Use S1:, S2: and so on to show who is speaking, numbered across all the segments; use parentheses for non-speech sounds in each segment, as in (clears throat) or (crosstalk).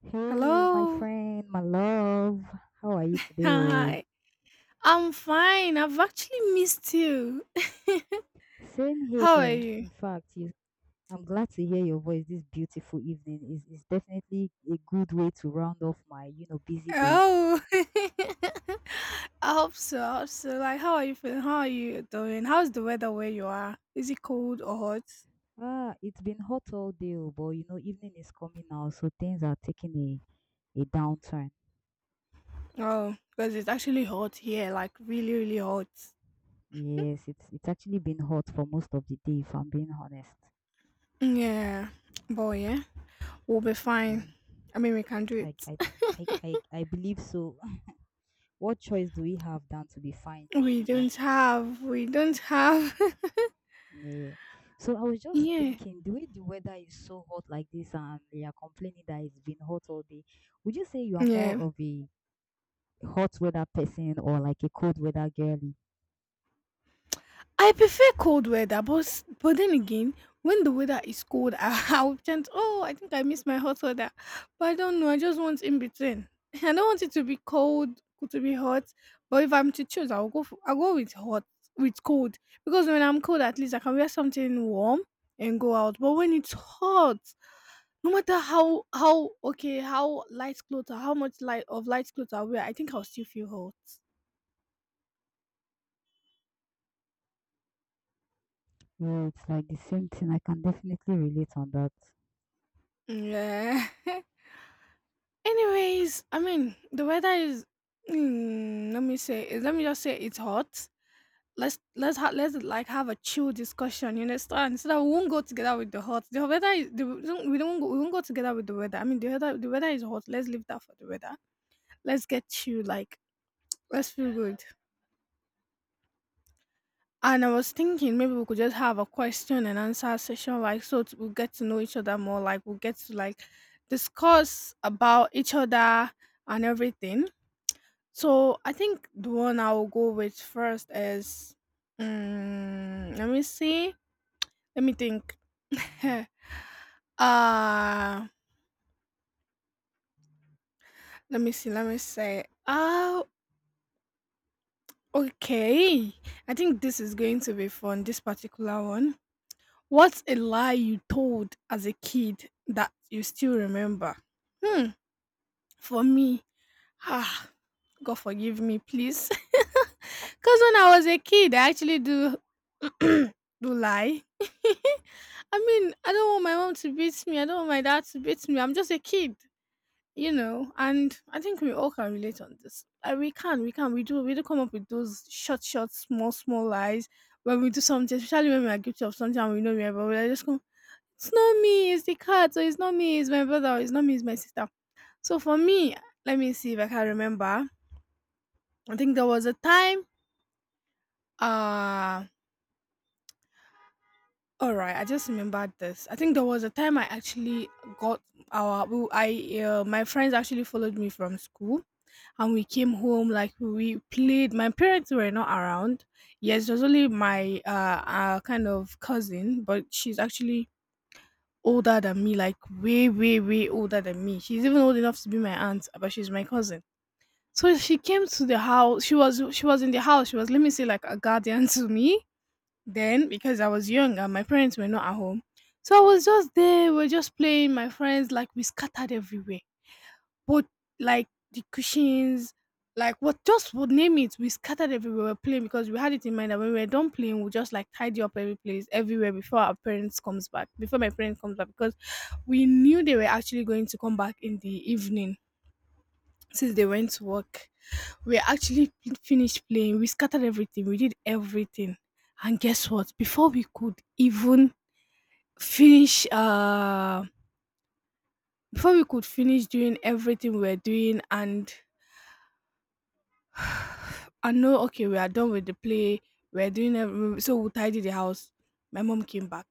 S1: Hey, my
S2: Hello.
S1: friend, my love, how are you today? Oh,
S2: Hi. I'm fine. I've actually missed you.
S1: same
S2: (laughs)
S1: here.
S2: How are you?
S1: In fact, I'm glad to hear your voice this beautiful evening. It's definitely a good way to round off my busy day.
S2: Oh, (laughs) I hope so. I hope so. Like, how are you feeling? How are you doing? How's the weather where you are? Is it cold or hot?
S1: Ah, it's been hot all day, oh, but you know, evening is coming now, so things are taking a downturn.
S2: Oh, because it's actually hot here, like really, really hot.
S1: Yes, it's actually been hot for most of the day, if I'm being honest.
S2: Yeah, boy, yeah, we'll be fine.
S1: Yeah,
S2: I mean, we can do
S1: I I
S2: it.
S1: I believe so. (laughs) What choice do we have than to be fine,
S2: We
S1: you know?
S2: don't have, we don't have.
S1: Yeah. So I was
S2: (laughs)
S1: just
S2: Yeah,
S1: thinking, the way the weather is so hot like this, and they are complaining that it's been hot all day, would you say you are more
S2: yeah.
S1: of a hot weather person or like a cold weather girly?
S2: I prefer cold weather, but then again, when the weather is cold, (laughs) will chant, "Oh, I think I miss my hot weather," but I don't know. I just want in between. (laughs) I don't want it to be cold to be hot. But if I'm to choose, I'll go with hot with cold because when I'm cold, at least I can wear something warm and go out. But when it's hot, no matter how okay how light clothes or how much light of light clothes I wear, I think I'll still feel hot.
S1: Well, it's like the same thing. I can definitely relate on that.
S2: Yeah. (laughs) Anyways, I mean the weather is. Let me just say it's hot. Let's like have a chill discussion. You understand? So that we won't go together with the hot. The weather is the, We won't go together with the weather. I mean the weather is hot. Let's leave that for the weather. Let's get chill. Like let's feel good. And I was thinking maybe we could just have a question and answer session. Like we'll get to know each other more. Like we'll get to like discuss about each other and everything. So I think the one I'll go with first is, let me see, let me think. (laughs) uh let me see, let me say. Okay. I think this is going to be fun. This particular one. What's a lie you told as a kid that you still remember? Hmm. For me, ah, God forgive me, please. (laughs) Because when I was a kid, I actually do (clears throat) do lie. (laughs) I mean, I don't want my mom to beat me. I don't want my dad to beat me. I'm just a kid. And I think we all can relate on this. We do come up with those short, short, small, small lies when we do something, especially when we are guilty of something and we know we are, but we are just going, it's not me, it's the cat, or it's not me, it's my brother, or it's not me, it's my sister. So for me, let me see if I can remember. I think there was a time. Uh, all right, I just remembered this. I think there was a time I actually got our. We- I my friends actually followed me from school, and we came home like we played. My parents were not around. Yes, it was only my kind of cousin, but she's actually older than me, like way, way, way older than me. She's even old enough to be my aunt, but she's my cousin. So she came to the house. She was in the house. She was, let me say, like a guardian to me then because I was young and my parents were not at home. So I was just there. We are just playing. My friends, like, we scattered everywhere. But like the cushions, like what just would name it. We scattered everywhere. We were playing because we had it in mind that when we were done playing, we'll just like tidy up every place everywhere before our parents comes back. Before my parents comes back because we knew they were actually going to come back in the evening since they went to work. We actually finished playing. We scattered everything. We did everything. And guess what? Before we could even finish before we could finish doing everything we're doing and I know okay, we are done with the play. So we tidy the house. My mom came back.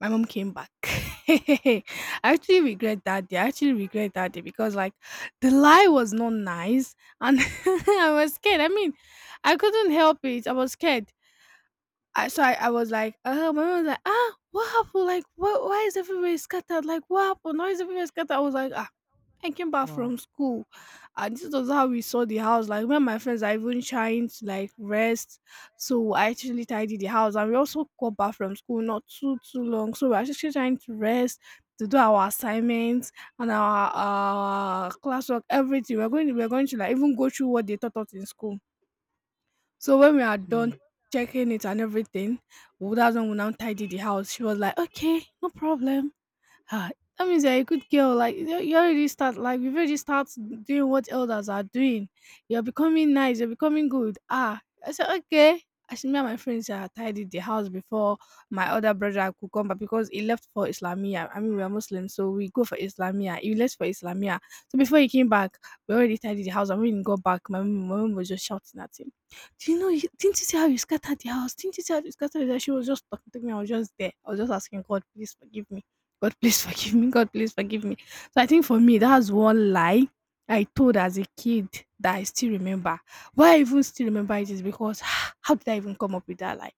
S2: My mom came back. (laughs) I actually regret that day. I actually regret that day because like the lie was not nice and (laughs) I was scared. I mean, I couldn't help it. I was scared. I so I was like, my mom was like, "Ah, what happened? Like, what? Why is everybody scattered? Like, what happened? Why is everybody scattered?" I was like, "Ah, I came back
S1: Wow.
S2: from school, and this was how we saw the house. Like, when my friends are even trying to like rest, so I actually tidied the house, and we also got back from school not too long, so we're actually trying to rest." To do our assignments and our classwork, everything we're going to like even go through what they taught us in school. So when we are
S1: Hmm.
S2: done checking it and everything, well, that's when we now tidy the house. She was like, okay, no problem. Ah, that means you're a good girl. Like you already start, like, you've already start doing what elders are doing. You're becoming nice, you're becoming good. Ah, I said, okay. I should me and my friends tidied the house before my other brother could come back because he left for Islamia. I mean, we are Muslims, so we go for Islamia. He left for Islamia. So before he came back, we already tidied the house, and when he got back, my mom was just shouting at him. Do you know you didn't you see how you scattered the house? Didn't you see how you scattered the house? She was just talking to me. I was just there. I was just asking God, please forgive me. God, please forgive me. God, please forgive me. So I think for me,
S1: Wow.
S2: that's one lie I told as a kid that I still remember. Why I even still remember it is because (sighs) how did I even come up with that lie?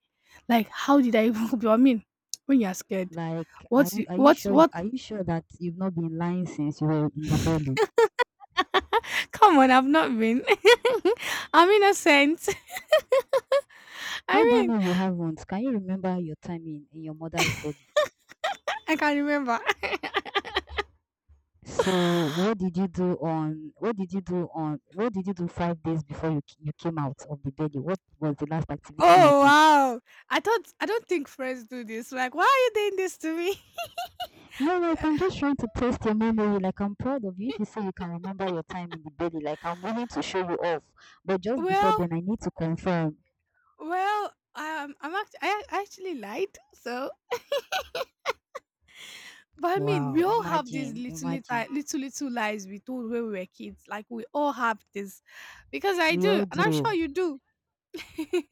S2: Like, how did I even (laughs) come up with- I mean, when you're scared,
S1: Like, are you
S2: what's
S1: sure you,
S2: what? What?
S1: are you sure that you've not been lying since you were in the belly?
S2: (laughs) Come on, I've not been. (laughs) I'm innocent. (laughs)
S1: How do
S2: I
S1: you
S2: mean,
S1: know you haven't? Can you remember your time in your mother's belly?
S2: I can remember. (laughs)
S1: So what did you do on what did you do on what did you do 5 days before you came out of the belly? What was the last activity you
S2: Oh,
S1: did?
S2: wow! I don't think friends do this. Like, why are you doing this to me?
S1: No, like I'm just trying to test your memory. Like I'm proud of you. If you say you can remember your time in the belly, like I'm willing to show you off. But
S2: (laughs)
S1: just before
S2: well,
S1: then, I need to confirm.
S2: well, I actually lied. So. But I mean,
S1: Wow,
S2: we all have these
S1: imagine,
S2: little,
S1: imagine.
S2: little, little, little lies we told when we were kids. Like we all have this, because I
S1: We
S2: do,
S1: all
S2: and I'm sure
S1: do.
S2: you do.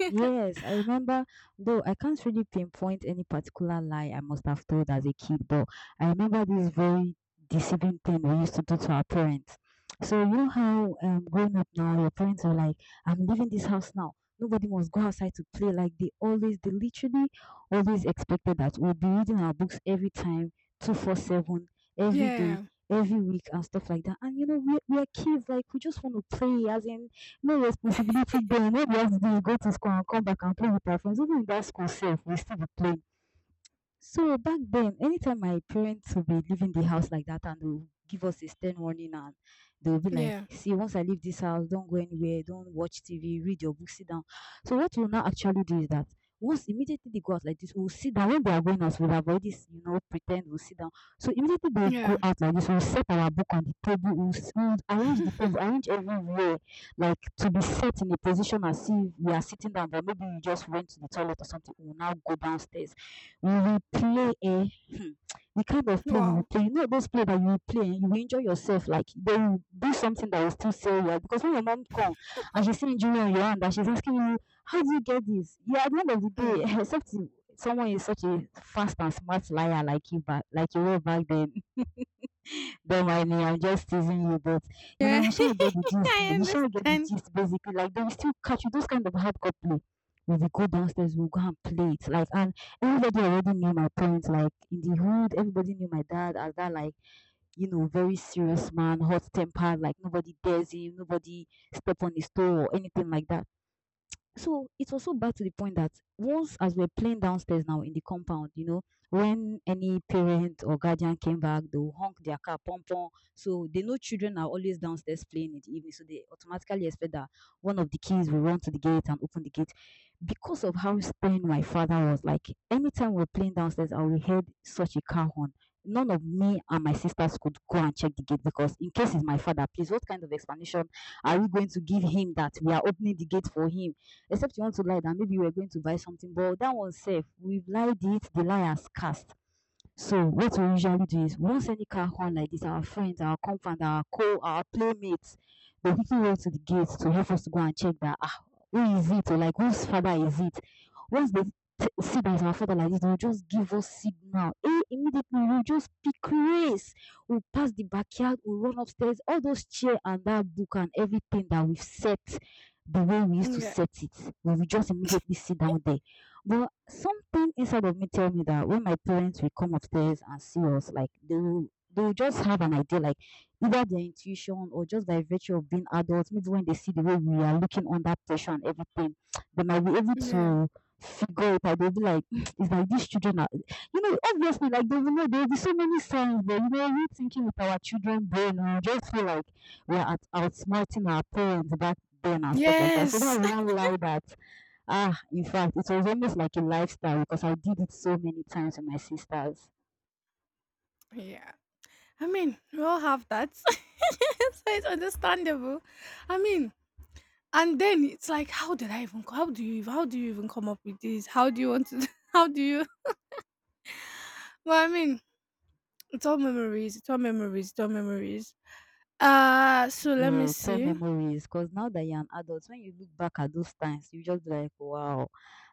S1: Yes, I remember, though I can't really pinpoint any particular lie I must have told as a kid, but I remember this very deceiving thing we used to do to our parents. So, you know how growing up now, your parents are like, I'm leaving this house now. Nobody must go outside to play. Like they literally always expected that we'll be reading our books every time, 247, every day,
S2: Yeah,
S1: every week, and stuff like that. And you know, we're kids, like we just want to play, as in no responsibility then. No be us dey go to school and come back and play with our friends. Even in that school sef, we still be play. So back then, anytime my parents will be leaving the house like that and they'll give us a stern warning and they'll be like,
S2: yeah,
S1: see, once I leave this house, don't go anywhere, don't watch TV, read your book, sit down. So what we'll now actually do is that once immediately they go out like this, we'll sit down. When they are going out, we'll avoid this, you know, pretend we'll sit down. So immediately they go
S2: yeah.
S1: out like this, we'll set our book on the table, we'll arrange the
S2: (laughs)
S1: table, arrange everywhere, like to be set in a position as if we are sitting down, but maybe we just went to the toilet or something, we'll now go downstairs. We will play a (clears throat) the kind of play we will
S2: Wow.
S1: play. Not those play that you will play, eh? You will enjoy yourself, like they will do something that will still sell you. Because when your mom come and she's seeing jewelry on your hand and she's asking you, how do you get this? Yeah, at the end of the
S2: Mm.
S1: day, (laughs) except someone is such a fast and smart liar like you were back then. Don't mind me, I'm just teasing you, but you know,
S2: Yeah,
S1: you shall get
S2: (laughs)
S1: the gist.
S2: I
S1: You shall get the
S2: understand.
S1: gist basically. Like they will still catch you. Those kind of hardcore play. We will go downstairs, we'll go and play it. Like, and everybody already knew my parents, like in the hood, everybody knew my dad as that like, you know, very serious man, hot tempered, like nobody dares him, nobody step on his toe or anything like that. So it was so bad to the point that once as we're playing downstairs now in the compound, you know, when any parent or guardian came back, they'll honk their car, pom pom. So they know children are always downstairs playing in the evening. So they automatically expect that one of the kids will run to the gate and open the gate. Because of how stern my father was, like anytime we're playing downstairs, I will hear such a car horn. None of me and my sisters could go and check the gate because, in case it's my father, please, what kind of explanation are we going to give him that we are opening the gate for him? Except you want to lie that maybe you were going to buy something, but that one safe. We've lied it, the lie has cast. So what we usually do is once any car horn like this, our friends, our compound, our playmates, they quickly run to the gate to help us to go and check that ah, who is it or like whose father is it? Once see that it's our father like this, they'll just give us signal. Eh, immediately we'll just pick race. We'll pass the backyard, we'll run upstairs, all those chair and that book and everything that we've set the way we used to
S2: Yeah,
S1: set it. We will just immediately sit down there, but something inside of me tell me that when my parents will come upstairs and see us, like they will just have an idea, like either their intuition or just by virtue of being adults, maybe when they see the way we are looking under pressure and everything, they might be able
S2: yeah.
S1: to figure it out. They'll be like, "Mm, it's like these children are you know," obviously like they will know there'll be so many signs, but you know, we thinking with our children brain, we just feel like we're at outsmarting our parents back then and stuff like that. So that's
S2: Yes. (laughs)
S1: one lie that ah, in fact, it was almost like a lifestyle because I did it so many times with my sisters.
S2: Yeah. I mean, we all have that, (laughs) so it's understandable. I mean, and then it's like, how did I even? How do you? How do you even come up with this? How do you want to? (laughs) How do you? Well, I mean, it's all memories. It's all memories. It's all memories. So let me
S1: Yeah, it's all
S2: see.
S1: memories. Because now that you're an adult, when you look back at those times, you just be like, wow,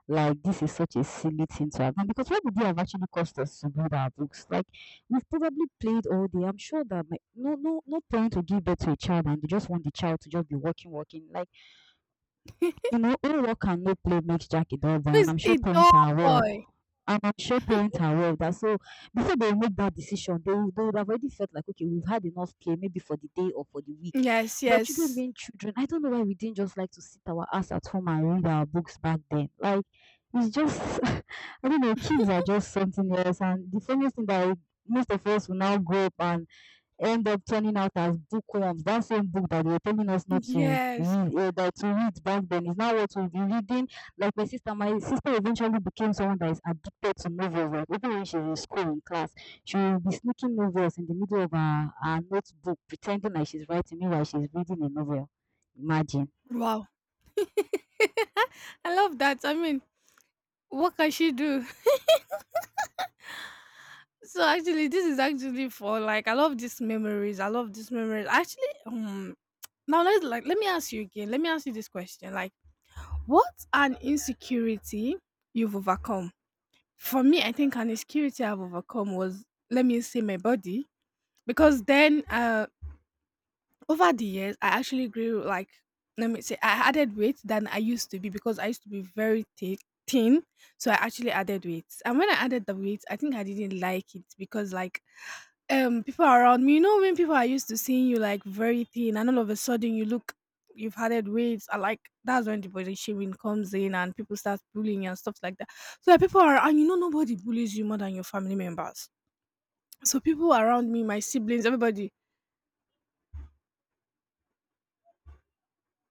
S1: like this is such a silly thing to have done. Because what did they have actually cost us to build our books? Like we've probably played all day. I'm sure that my, no parent will give birth to a child and they just want the child to just be walking, walking. Like you know, homework and no play makes Jack a dull boy, and
S2: He's
S1: I'm sure
S2: a doll
S1: parents are aware.
S2: boy.
S1: And I'm sure parents are aware of that. So before they make that decision, they would have already felt like, okay, we've had enough play, maybe for the day or for the week.
S2: Yes,
S1: But children
S2: yes,
S1: being children, I don't know why we didn't just like to sit our ass at home and read our books back then. Like it's just, (laughs) I don't know, kids
S2: (laughs)
S1: are just something else. And the funniest thing that most of us will now grow up and end up turning out as bookworms. That same book that they were telling us not to
S2: yes.
S1: read, that to read back then is now what we'll be reading. Like my sister eventually became someone that is addicted to novels. Like even when she was in school in class, she will be sneaking novels in the middle of her notebook, pretending like she's writing, meanwhile she's reading a novel. Imagine.
S2: Wow, I love that. I mean, what can she do? (laughs) So actually, this is actually for like I love these memories. I love these memories. Actually, now let's like let me ask you again. Let me ask you this question. Like, what's an insecurity you've overcome? For me, I think an insecurity I've overcome was, let me say, my body, because then over the years, I actually grew, like, let me say I added weight than I used to be because I used to be very thick thin. So I actually added weight. And when I added the weight, I think I didn't like it because like people around me, you know, when people are used to seeing you like very thin and all of a sudden you've added weights, I like, that's when the body shaming comes in and people start bullying and stuff like that. So like, people are and you know nobody bullies you more than your family members. So people around me, my siblings, everybody